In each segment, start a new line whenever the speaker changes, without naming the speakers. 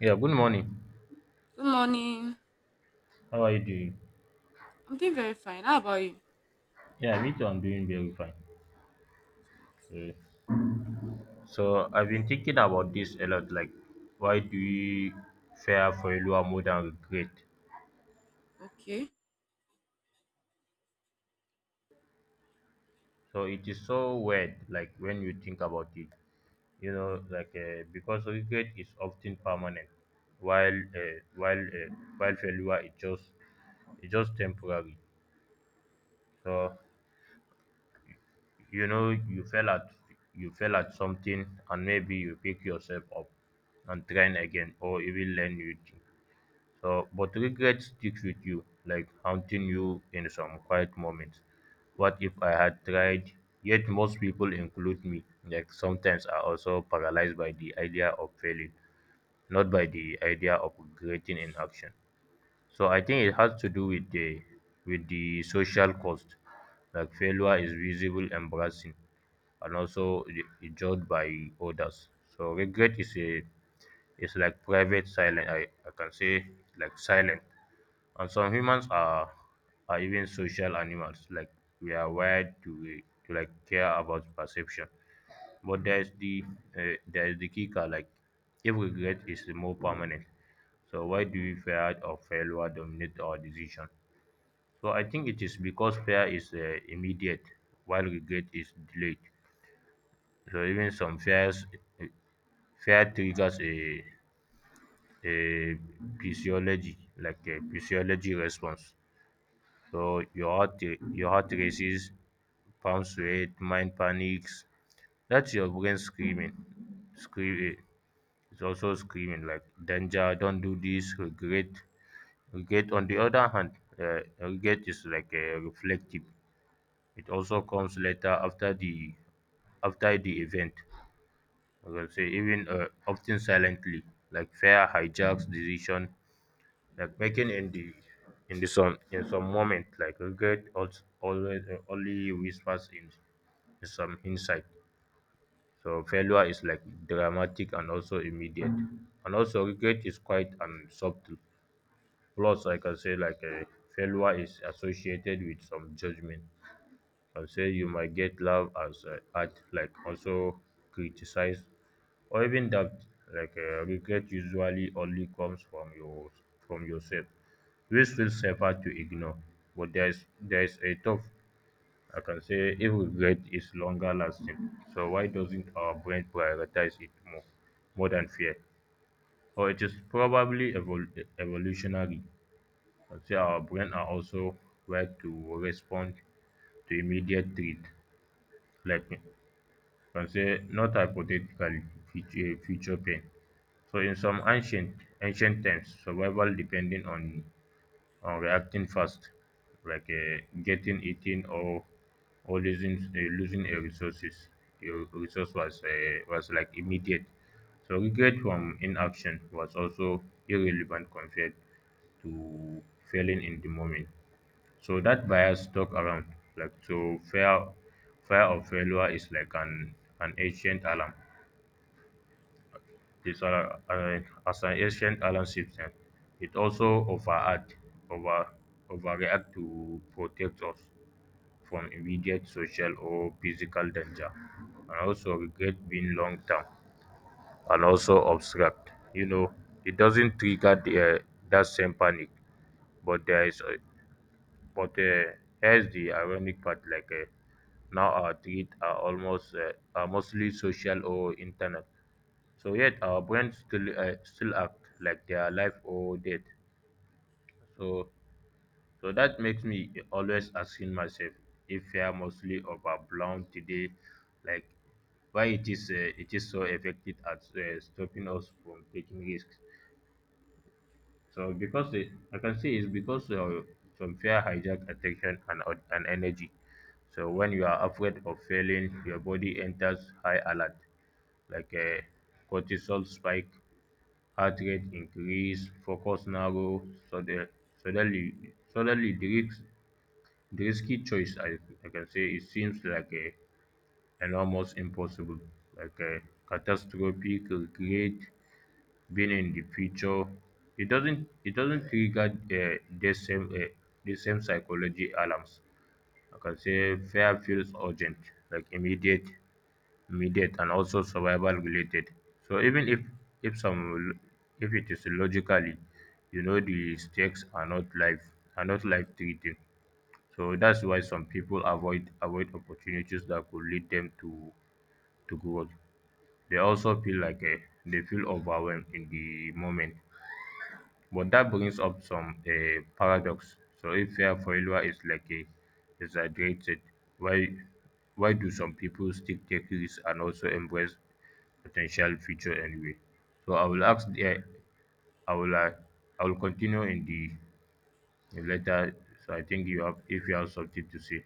Yeah, good morning.
Good morning.
How are you doing?
I'm doing very fine. How about you?
Yeah, me too. I'm doing very fine. Uh, So I've been thinking about this a lot, like why do we fear failure more than regret?
Okay.
So it is so weird, like when you think about it, like because regret is often permanent, while uh, while uh, while failure is just temporary. So you know you fell at you fell at something and maybe you pick yourself up and try again or even learn new thing. So but regret sticks with you, like haunting you in some quiet moments. What if I had tried? Yet most people, include me, like sometimes are also paralyzed by the idea of failing, not by the idea of regretting inaction. So I think it has to do with the social cost, like failure is visible, embarrassing and also judged by others. So regret is a is like private silence. I can say like silent. And some humans are even social animals. Like we are wired to like care about perception. But there is the kicker. Like if regret is more permanent, so why do we fear or failure dominate our decision? So I think it is because fear is immediate, while regret is delayed. So even some fears eh, fear triggers a physiology like a physiology response. So your heart races, palms sweat, mind panics. That's your brain screaming. scream eh, it's also screaming like, danger, don't do this, Regret, on the other hand, regret is like a reflective. It also comes later, after the event. Like I will say, even often silently, like fear hijacks decision like making in the sun, in some moment. Like regret also always, only whispers in some insight. So failure is like dramatic and also immediate, and also regret is quite and subtle. Plus, I can say, like, a failure is associated with some judgment. I say you might get love as art, like also criticize, or even doubt. Like, regret usually only comes from yourself, which feels safer to ignore. But there's a tough, I can say, if regret is longer lasting, so why doesn't our brain prioritize it more than fear? Or it is probably evolutionary. I'd say our brain are also wired to respond to immediate threat, like I can say, not hypothetically, future pain. So in some ancient times, survival depending on, or reacting fast, like getting eaten, or losing, losing a resources, your resource was, was like immediate. So regret from inaction was also irrelevant compared to failing in the moment. So that bias stuck around. Like, so fear of failure is like an ancient alarm. This uh, uh, as an ancient alarm system, it also overact, over, overreact to protect us from immediate social or physical danger. And also regret, being long term and also obstruct, you know, it doesn't trigger, the, that same panic. But there is, a, but here's the ironic part: like, now our tweets are almost are mostly social or internet, so yet our brains still act like they are alive or dead. So so that makes me always asking myself, if fear mostly overblown today, like why it is so effective at stopping us from taking risks. So because, I can say it's because, some fear hijack attention and, and energy. So when you are afraid of failing, your body enters high alert, like a cortisol spike, heart rate increase, focus narrow. Sudden suddenly suddenly the risky choice, I can say, it seems like a an almost impossible, like a catastrophic regret, being in the future. It doesn't trigger, the same psychology alarms. I can say fear feels urgent, like immediate and also survival related. So even if some lo- if it is logically, you know, the stakes are not life threatening. So that's why some people avoid opportunities that could lead them to growth. They also feel overwhelmed in the moment. But that brings up some, paradox. So if fear of failure is like a exaggerated, why why do some people still take risks, and also embrace potential future anyway? So I will ask the, I will uh, I will continue in the letter. So I think, you have if you have something to say.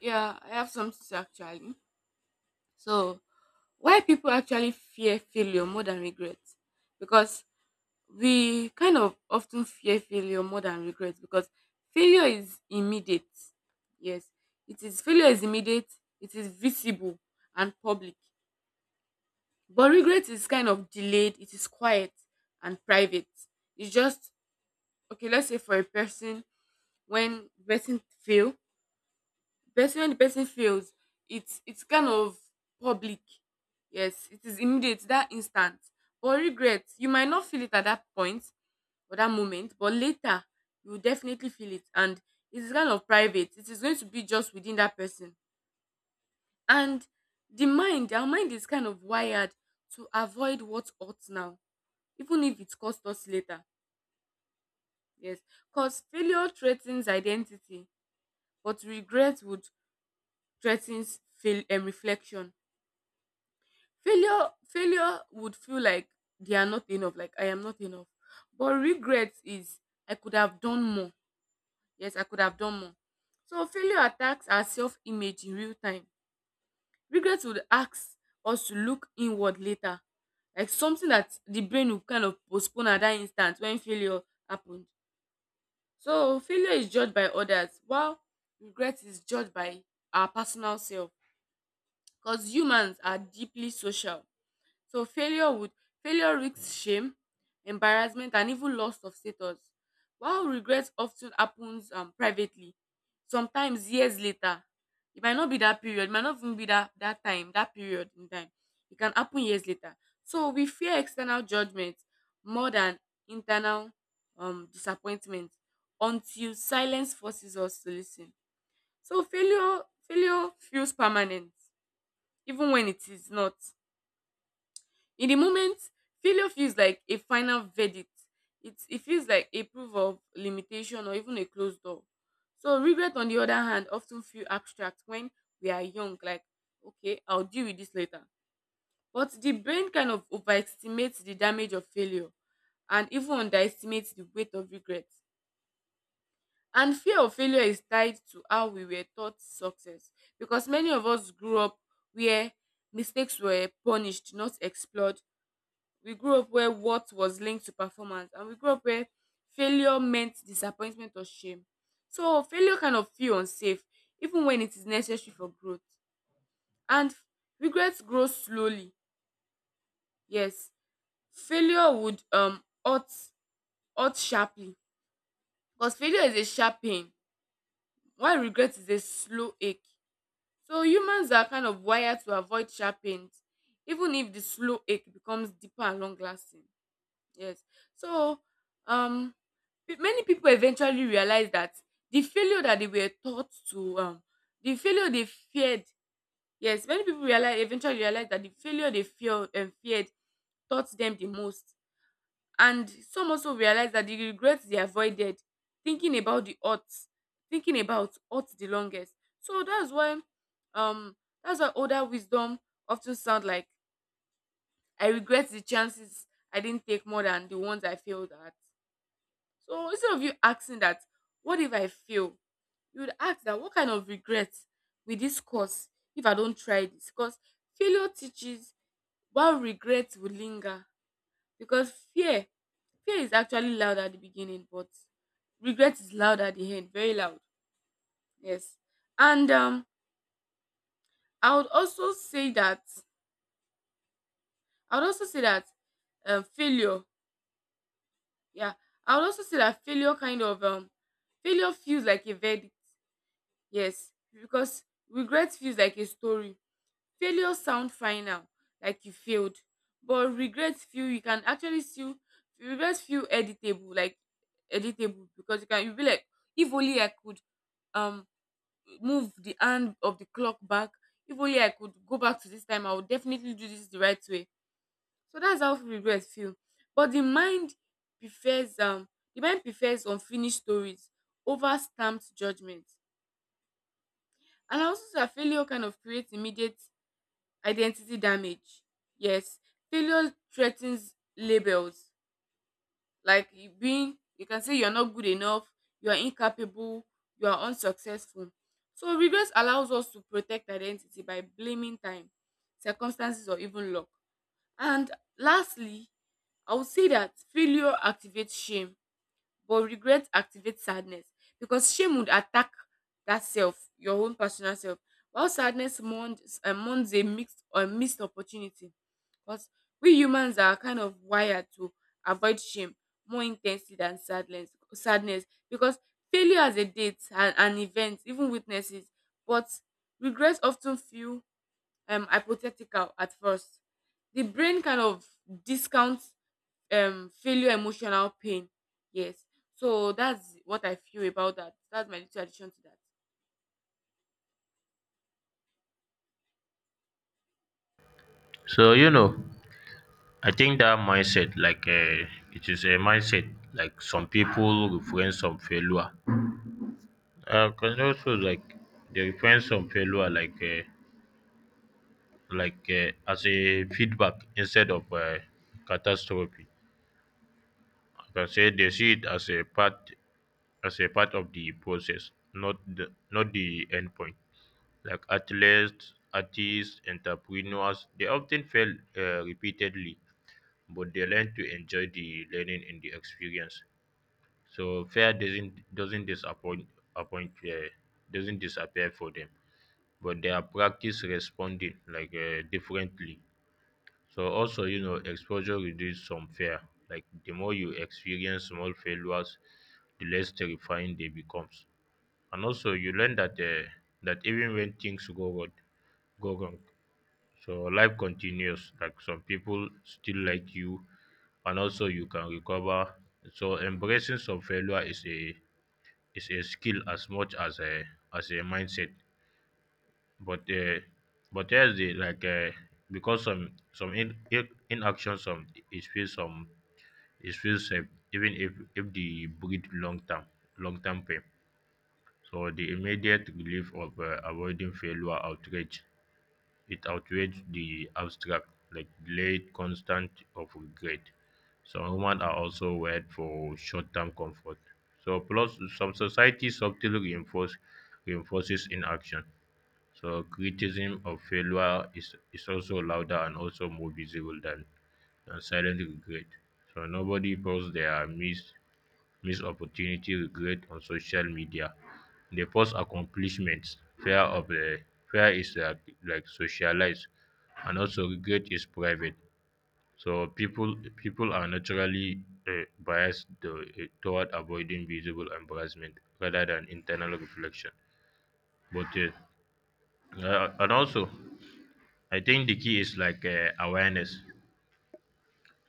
Yeah, I have something to say actually. So, why people actually fear failure more than regret? Because we kind of often fear failure more than regret because failure is immediate. Yes, it is failure is immediate, it is visible and public. But regret is kind of delayed, it is quiet and private. It's just okay, let's say for a person when person fail when the person fails, it's kind of public. Yes, it is immediate, that instant, but regret you might not feel it at that point or that moment, but later you will definitely feel it, and it is kind of private, it is going to be just within that person. And the mind our mind is kind of wired to avoid what ought now, even if it costs us later. Yes, because failure threatens identity, but regret would threatens fail and reflection. Failure would feel like they are not enough, like I am not enough. But regret is I could have done more. Yes, I could have done more. So failure attacks our self-image in real time. Regret would ask us to look inward later, like something that the brain will kind of postpone at that instant when failure happened. So failure is judged by others, while regret is judged by our personal self. Because humans are deeply social. So failure risks shame, embarrassment, and even loss of status. While regret often happens, privately, sometimes years later. It might not be that period, it might not even be that time, that period in time. It can happen years later. So we fear external judgment more than internal disappointment, until silence forces us to listen. So failure feels permanent, even when it is not. In the moment, failure feels like a final verdict. It feels like a proof of limitation, or even a closed door. So, regret, on the other hand, often feel abstract when we are young, like, okay, I'll deal with this later. But the brain kind of overestimates the damage of failure and even underestimates the weight of regret. And fear of failure is tied to how we were taught success, because many of us grew up where mistakes were punished, not explored. We grew up where what was linked to performance, and we grew up where failure meant disappointment or shame. So failure kind of feel unsafe, even when it is necessary for growth. And regrets grow slowly. Yes, failure would hurt sharply, because failure is a sharp pain, while regret is a slow ache. So humans are kind of wired to avoid sharp pains, even if the slow ache becomes deeper and long lasting. Yes. So, um, many people eventually realized that the failure that they were taught to, the failure they feared. Yes, many people realize eventually realized that the failure they feared and feared taught them the most, and some also realized that the regrets they avoided, thinking about the odds, thinking about odds the longest. So um, that's why older wisdom often sound like I regret the chances I didn't take more than the ones I failed at. So instead of you asking that, what if I fail? You would ask that, what kind of regret with this course if I don't try this? Because failure teaches, while regret will linger. Because fear is actually loud at the beginning, but regret is loud at the end, very loud. Yes. And I would also say that, I would also say that failure, yeah, I would also say that failure failure feels like a verdict. Yes, because regret feels like a story. Failure sound final, like you failed, but regret feel you can actually still, regret feel editable, like editable, because you be like, if only I could um move the hand of the clock back. If only I could go back to this time, I would definitely do this the right way. So that's how regret feel. But the mind prefers, unfinished stories over stamped judgment. And also, that failure kind of creates immediate identity damage. Yes, failure threatens labels, like you being, you can say, you're not good enough, you are incapable, you are unsuccessful. So regrets allows us to protect identity by blaming time, circumstances, or even luck. And lastly, I would say that failure activates shame, but regret activates sadness, because shame would attack that self, your own personal self, while sadness mourns, a mixed or missed opportunity. Because we humans are kind of wired to avoid shame more intensely than sadness. Sadness, because failure as a date and an event, even witnesses, but regrets often feel hypothetical at first. The brain kind of discounts failure emotional pain. Yes, so that's what I feel about that, that's my little addition to that.
So I think that mindset, like, it is a mindset. Like some people reference some failure, because also like they reference some failure like, as a feedback instead of, catastrophe. I can say they see it as a part of the process, not the end point. Like athletes, artists, entrepreneurs, they often fail, repeatedly, but they learn to enjoy the learning and the experience. So fear doesn't appoint, uh, doesn't disappear for them, but they are practice responding like, differently. So also, exposure reduces some fear. Like the more you experience small failures, the less terrifying they becomes. And also you learn that, even when things go wrong, so life continues. Like some people still like you, and also you can recover. So embracing some failure is a skill, as much as a mindset. But, but there's the like because some in, in inaction, some it feels safe, even if the breed long term pain. So the immediate relief of, avoiding failure outrage it outweighs the abstract, like delayed constant of regret. Some humans are also wired for short-term comfort. So plus some society subtly reinforces inaction. So criticism of failure is also louder and also more visible than silent regret. So nobody posts their miss opportunity regret on social media. Dey post accomplishments. fear of um Fear is like socialized, and also regret is private. So people are naturally biased toward avoiding visible embarrassment, rather than internal reflection. But and also, I think the key is, like, awareness.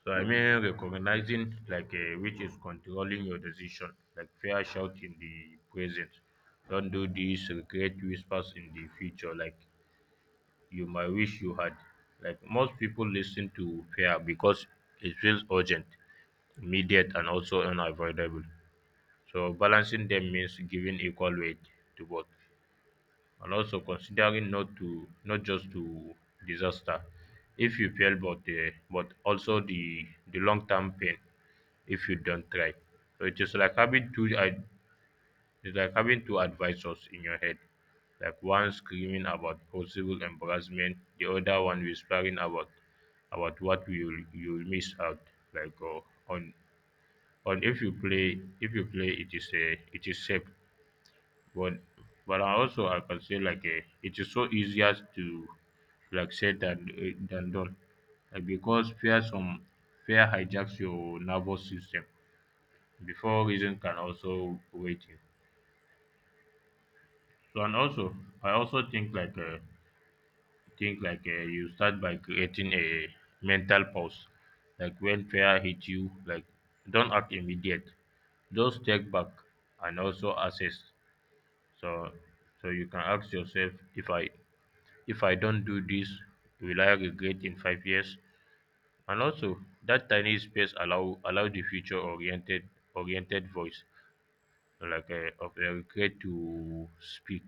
So I mean, recognizing, like, which is controlling your decision, like fear shout in the present. Don't do this. Regret whispers in the future, like you might wish you had. Like most people listen to fear because it feels urgent, immediate and also unavoidable. So balancing them means giving equal weight to both, and also considering not to, not just to disaster if you fail, but, but also the long term pain if you don't try. So it is like having two I it's like having two advisors in your head. Like one screaming about possible embarrassment, the other one whispering about what you'll miss out. Like, on on, if you play, it is safe. But but I can say, like, it is so easier to, like, said than done, like, because fear some fear hijacks your nervous system before reason can also wait you. So and also, I also think, like, think, like, you start by creating a mental pause. Like when fear hit you, like don't act immediate. Just take back and also assess. So so you can ask yourself, if I don't do this, will I regret in 5 years? And also, that tiny space allow the future oriented voice, like, of a regret to speak.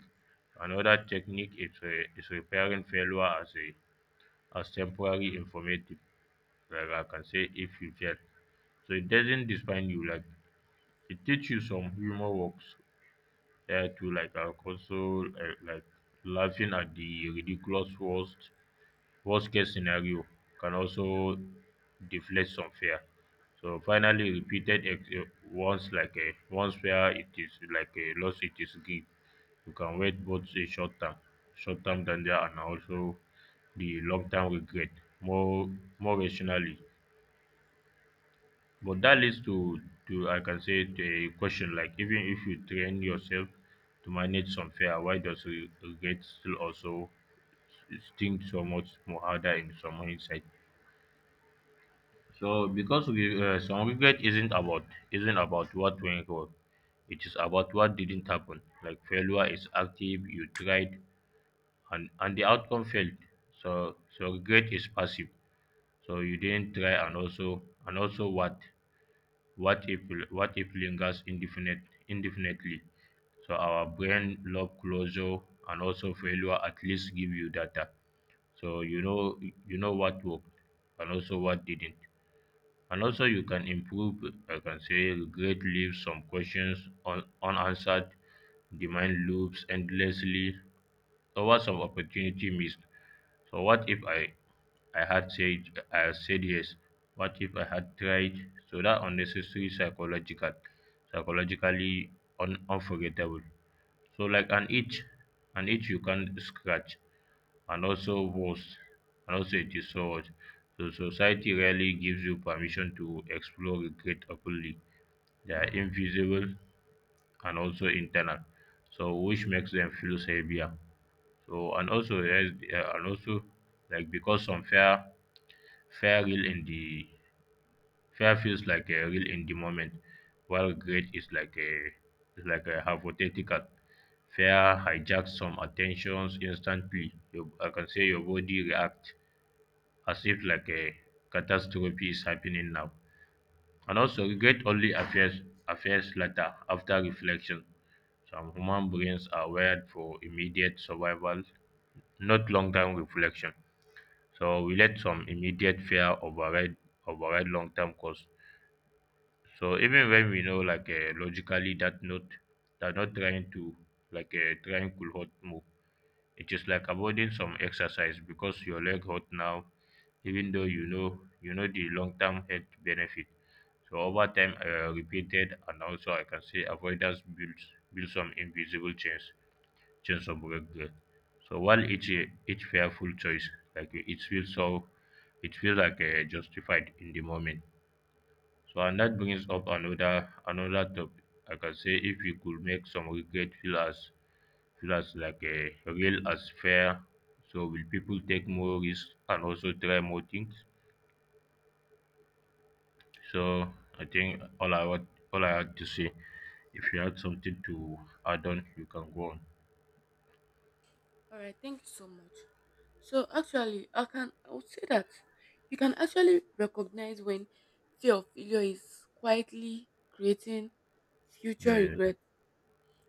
Another technique is repairing failure as a as temporary informative. Like I can say, if you fail, so it doesn't define you. Like it teaches you, some humor works, to, like, also, like, laughing at the ridiculous worst. Worst case scenario can also deflate some fear. So finally, repeated ex- eh, once like a once where it is like a loss, it is gain. You can wait both a short term danger, and also the long term regret more more rationally. But that leads to I can say, the question, like, even if you train yourself to manage some fear, why does regret still also sting so much more harder in some hindsight? So because we some regret isn't about what went wrong. It is about what didn't happen. Like failure is active, you tried, and the outcome failed. So regret is passive. So you didn't try, and also what what if what if lingers indefinitely. So our brain love closure, and also failure at least give you data. So you know what worked and also what didn't. And also, you can improve. I can say, regret leaves some questions unanswered, the mind loops endlessly over some opportunity missed. So, what if I had said, I had said yes? What if I had tried? So that unnecessary psychologically unforgettable. So like an itch you can scratch, and also worse, and also it is so much. So society rarely gives you permission to explore regret openly. They are invisible and also internal, so which makes them feel heavier. So and also, yes, and also, like, because some fear real in the fear feels like a real in the moment, while regret is like a hypothetical. Fear hijacks some attentions instantly. You, I can say, your body reacts as if like a catastrophe is happening now. And also regret only appears later, after reflection. Some human brains are wired for immediate survival, not long term reflection. So we let some immediate fear override long term cost. So even when we know, like, logically, that not trying to, like, a triangle hot move. It is like avoiding some exercise because your leg hurt now, even though you know the long-term health benefit. So over time, repeated, and also I can say, avoidance builds build some invisible chains, chains of regret. So while each fearful choice, like, it feels like, justified in the moment. So and that brings up another topic. Like I can say, if you could make some regret feel as like a real as fair, so will people take more risks, and also try more things? So I think all I had to say. If you had something to add on, you can go on.
All right, thank you so much. So actually, I would say that you can actually recognize when fear of failure is quietly creating future
Yeah, yeah, yeah.
regret.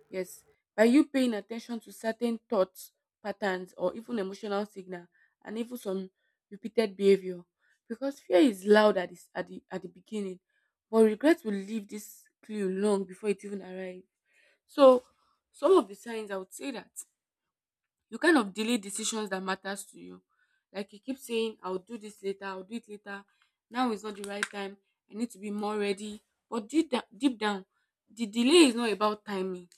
Yes, by you paying attention to certain thoughts, patterns, or even emotional signal, and even some repeated behavior, because fear is loud at the beginning, but regret will leave this clue long before it even arrives. So, some of the signs I would say, that you kind of delay decisions that matters to you, like you keep saying, "I'll do this later, I'll do it later." Now is not the right time. I need to be more ready. But deep down, the delay is not about timing,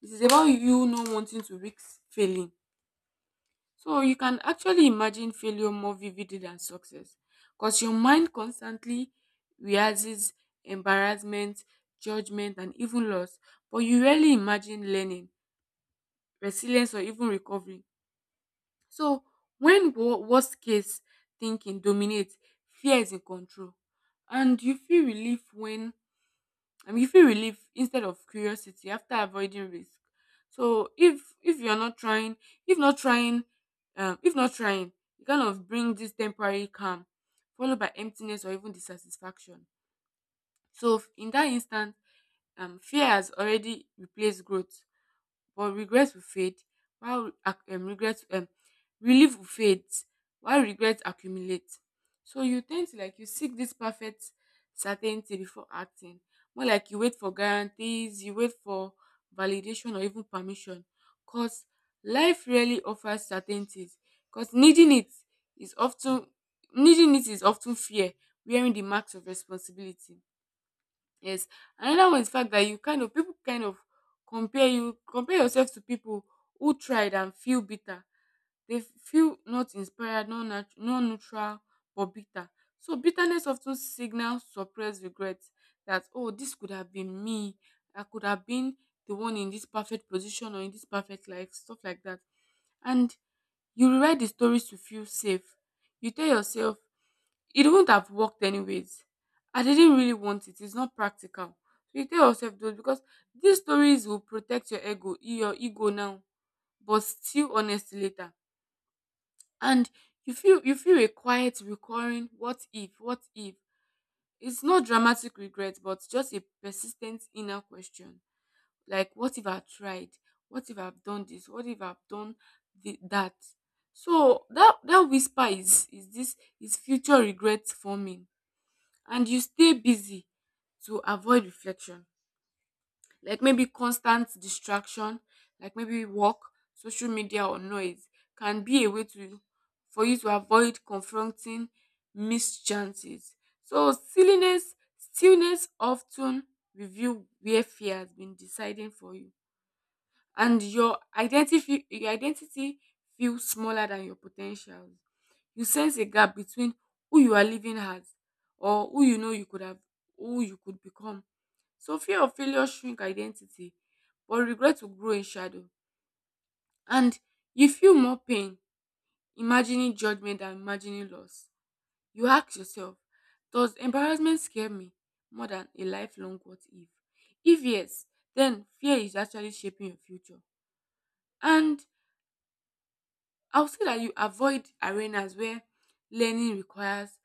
this is about you not wanting to risk failing. So you can actually imagine failure more vividly than success, because your mind constantly rehearses embarrassment, judgment, and even loss, but you rarely imagine learning, resilience, or even recovery. So when worst case thinking dominates, fear is in control, and you feel relief instead of curiosity after avoiding risk. So if you're not trying, if not trying if not trying, you kind of bring this temporary calm followed by emptiness or even dissatisfaction. So in that instant, fear has already replaced growth, but regret will fade, while ac- regret relief will fade while regret accumulates. So you tend to, like, you seek this perfect certainty before acting. More like, you wait for guarantees, you wait for validation or even permission. Cause life rarely offers certainties. Cause is often needing it is often fear, wearing the marks of responsibility. Yes. Another one is fact that you kind of, people kind of compare you compare yourself to people who tried and feel bitter. They feel not inspired, not neutral, but bitter. So bitterness often signals suppressed regret, that oh, this could have been me. I could have been the one in this perfect position or in this perfect life, stuff like that. And you rewrite the stories to feel safe. You tell yourself, it wouldn't have worked anyways. I didn't really want it. It's not practical. So you tell yourself those, because these stories will protect your ego now, but still honest later. And you feel a quiet, recurring what if, what if. It's not dramatic regret, but just a persistent inner question like, what if I tried, what if I've done this, what if I've done that. So that whisper is, this is future regrets forming. And you stay busy to avoid reflection, like maybe constant distraction, like maybe work, social media, or noise can be a way to for you to avoid confronting missed chances. So stillness often reveal where fear has been deciding for you. And your identity feels smaller than your potentials. You sense a gap between who you are living as, or who you know you could have who you could become. So fear of failure shrink identity, but regret will grow in shadow. And you feel more pain imagining judgment than imagining loss. You ask yourself, does embarrassment scare me more than a lifelong what if? If yes, then fear is actually shaping your future. And I'll say that you avoid arenas where learning requires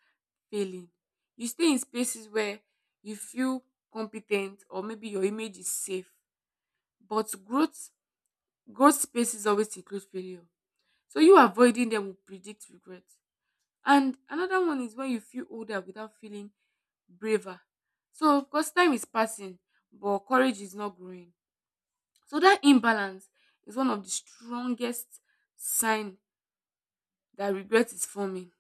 failing. You stay in spaces where you feel competent, or maybe your image is safe. But growth spaces always include failure. So you avoiding them will predict regret. And another one is when you feel older without feeling braver. So because time is passing, but courage is not growing. So that imbalance is one of the strongest sign that regret is forming.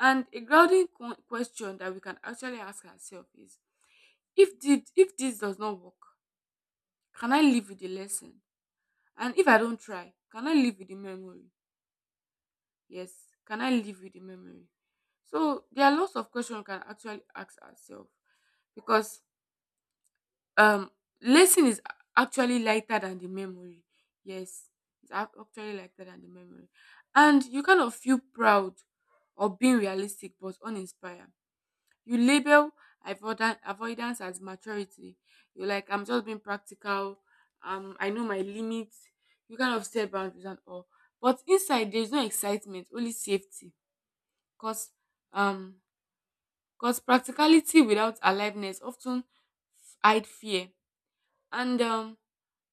And a grounding question that we can actually ask ourselves is, if this does not work, can I live with the lesson? And if I don't try, can I live with the memory? Yes, can I live with the memory? So there are lots of questions we can actually ask ourselves because um lesson is actually lighter than the memory. Yes, it's actually lighter than the memory. And you kind of feel proud of being realistic but uninspired. You label avoidance as maturity. You're like, I'm just being practical. I know my limits. You kind of set boundaries and all. But inside, there's no excitement, only safety. Cause um, cause practicality without aliveness often hide fear. And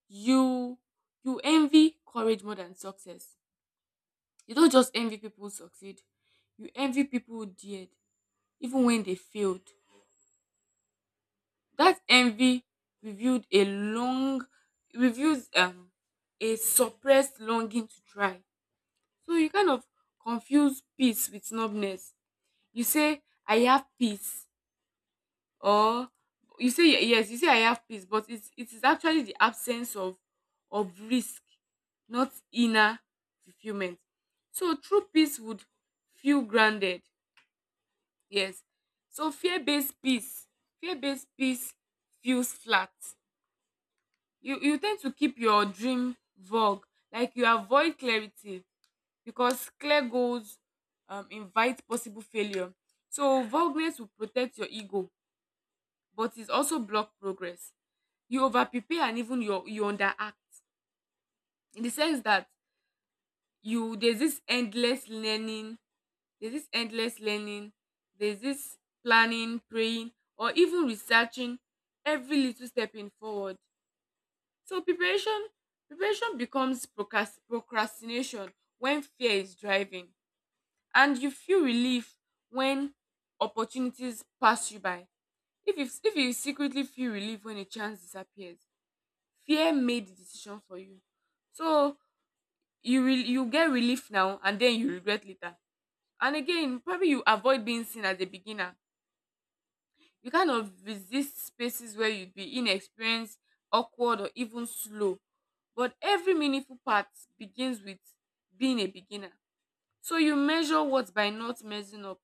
you you envy courage more than success. You don't just envy people who succeed. You envy people who dared, even when they failed. That envy revealed a long reveals a suppressed longing to try. So you kind of confuse peace with snubbiness. You say I have peace or you say I have peace, but it is actually the absence of risk, not inner fulfillment. So true peace would feel grounded. Yes. So fear-based peace feels flat. You tend to keep your dream vague, like you avoid clarity because clear goals invite possible failure. So vagueness will protect your ego, but it also block progress. You over prepare and even you underact in the sense that you there's this endless learning, there's this endless learning, there's this planning, praying, or even researching every little step in forward. So preparation becomes procrastination when fear is driving and you feel relief when opportunities pass you by. If you secretly feel relief when a chance disappears, fear made the decision for you. So you get relief now and then you regret later. And again, probably you avoid being seen as a beginner. You kind of resist spaces where you'd be inexperienced, awkward, or even slow. But every meaningful part begins with being a beginner. So you measure what by not messing up.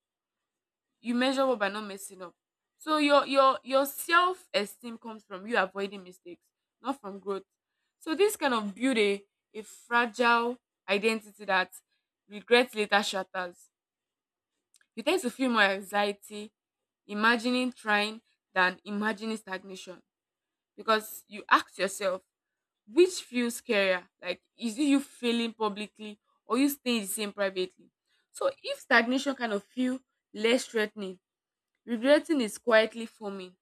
You measure what by not messing up. So your self esteem comes from you avoiding mistakes, not from growth. So this kind of build a fragile identity that regret later shatters. You tend to feel more anxiety, imagining trying than imagining stagnation because you ask yourself, which feels scarier? Like, is it you failing publicly or you staying the same privately? So, if stagnation kind of feel less threatening, regretting is quietly forming.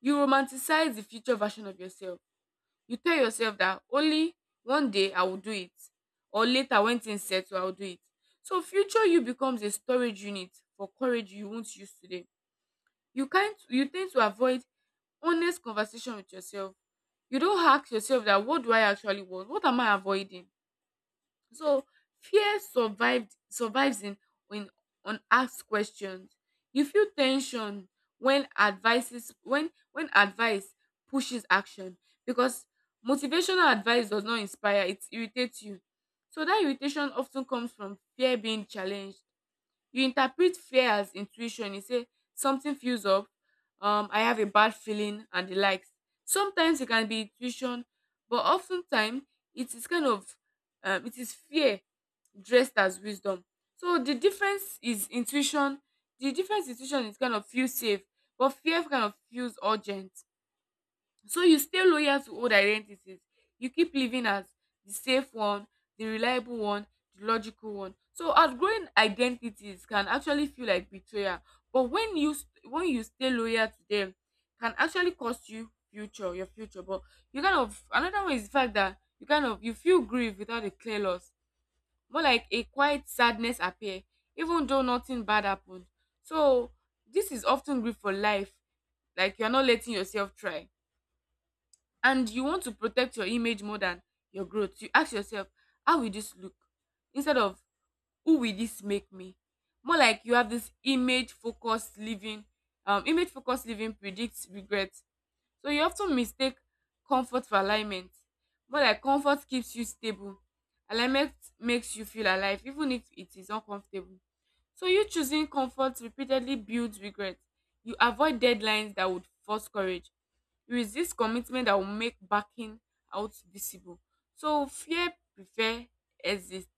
You romanticize the future version of yourself. You tell yourself that only one day I will do it, or later when things settle, I will do it. So, future you becomes a storage unit for courage you won't use today. You can't. You tend to avoid honest conversation with yourself. You don't ask yourself that, what do I actually want? What am I avoiding? So fear survived survives in when unasked questions. You feel tension when advices when advice pushes action because motivational advice does not inspire, it irritates you. So that irritation often comes from fear being challenged. You interpret fear as intuition. You say something feels up, I have a bad feeling and the likes. Sometimes it can be intuition, but oftentimes it is it is fear dressed as wisdom. So the difference is intuition. The difference intuition is kind of feel safe, but fear kind of feels urgent. So you stay loyal to old identities. You keep living as the safe one, the reliable one, the logical one. So outgrowing identities can actually feel like betrayal. But when when you stay loyal to them, can actually cost you future, your future. But you kind of another one is the fact that you kind of you feel grief without a clear loss. More like a quiet sadness appear, even though nothing bad happened. So this is often grief for life. Like you're not letting yourself try and you want to protect your image more than your growth. You ask yourself, how will this look instead of who will this make me? More like you have this image focused living, image focused living predicts regret. So you often mistake comfort for alignment. More like comfort keeps you stable, alignment makes you feel alive even if it is uncomfortable. So you choosing comfort repeatedly builds regret. You avoid deadlines that would force courage. It is this commitment that will make backing out visible. So fear prefer exist.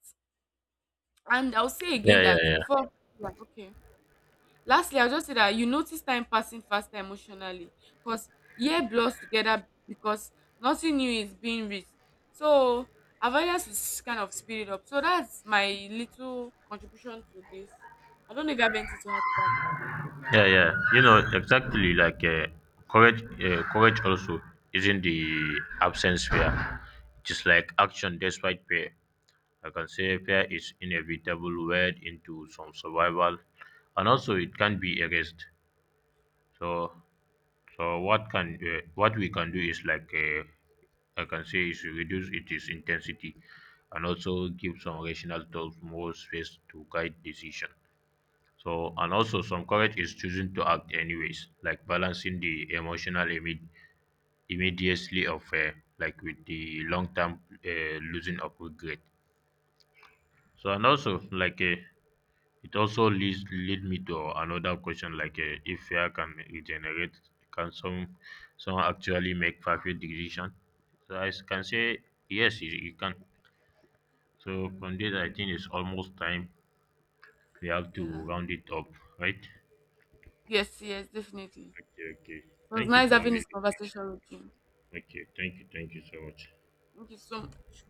And I'll say
Yeah,
again
yeah,
that
yeah.
before, yeah, okay. Lastly, I'll just say that you notice time passing faster emotionally because year blurs together because nothing new is being reached. So avoidance is kind of speeded up. So that's my little contribution to this. I don't know if you have anything to add to that.
Yeah, yeah. You know, exactly, like, courage also isn't the absence fear. It is like action despite fear. I can say fear is inevitable weighed into some survival, and also it can be erased. So so what can, what we can do is, like, I can say is reduce its intensity, and also give some rational thoughts more space to guide decision. So and also some courage is choosing to act anyways, like balancing the emotional immediacy of, like, with the long term, losing of regret. So and also, like, it also leads lead me to another question, like, if AI can regenerate, can someone actually make perfect decision? So I can say yes, it can. So from this, I think it's almost time we have to
Yeah.
round it up, right?
Yes, yes, definitely.
Okay, okay.
It was
Thank you
nice
for
having
having
this
this session.
conversation with you.
Okay, thank you so much.
Thank you so much.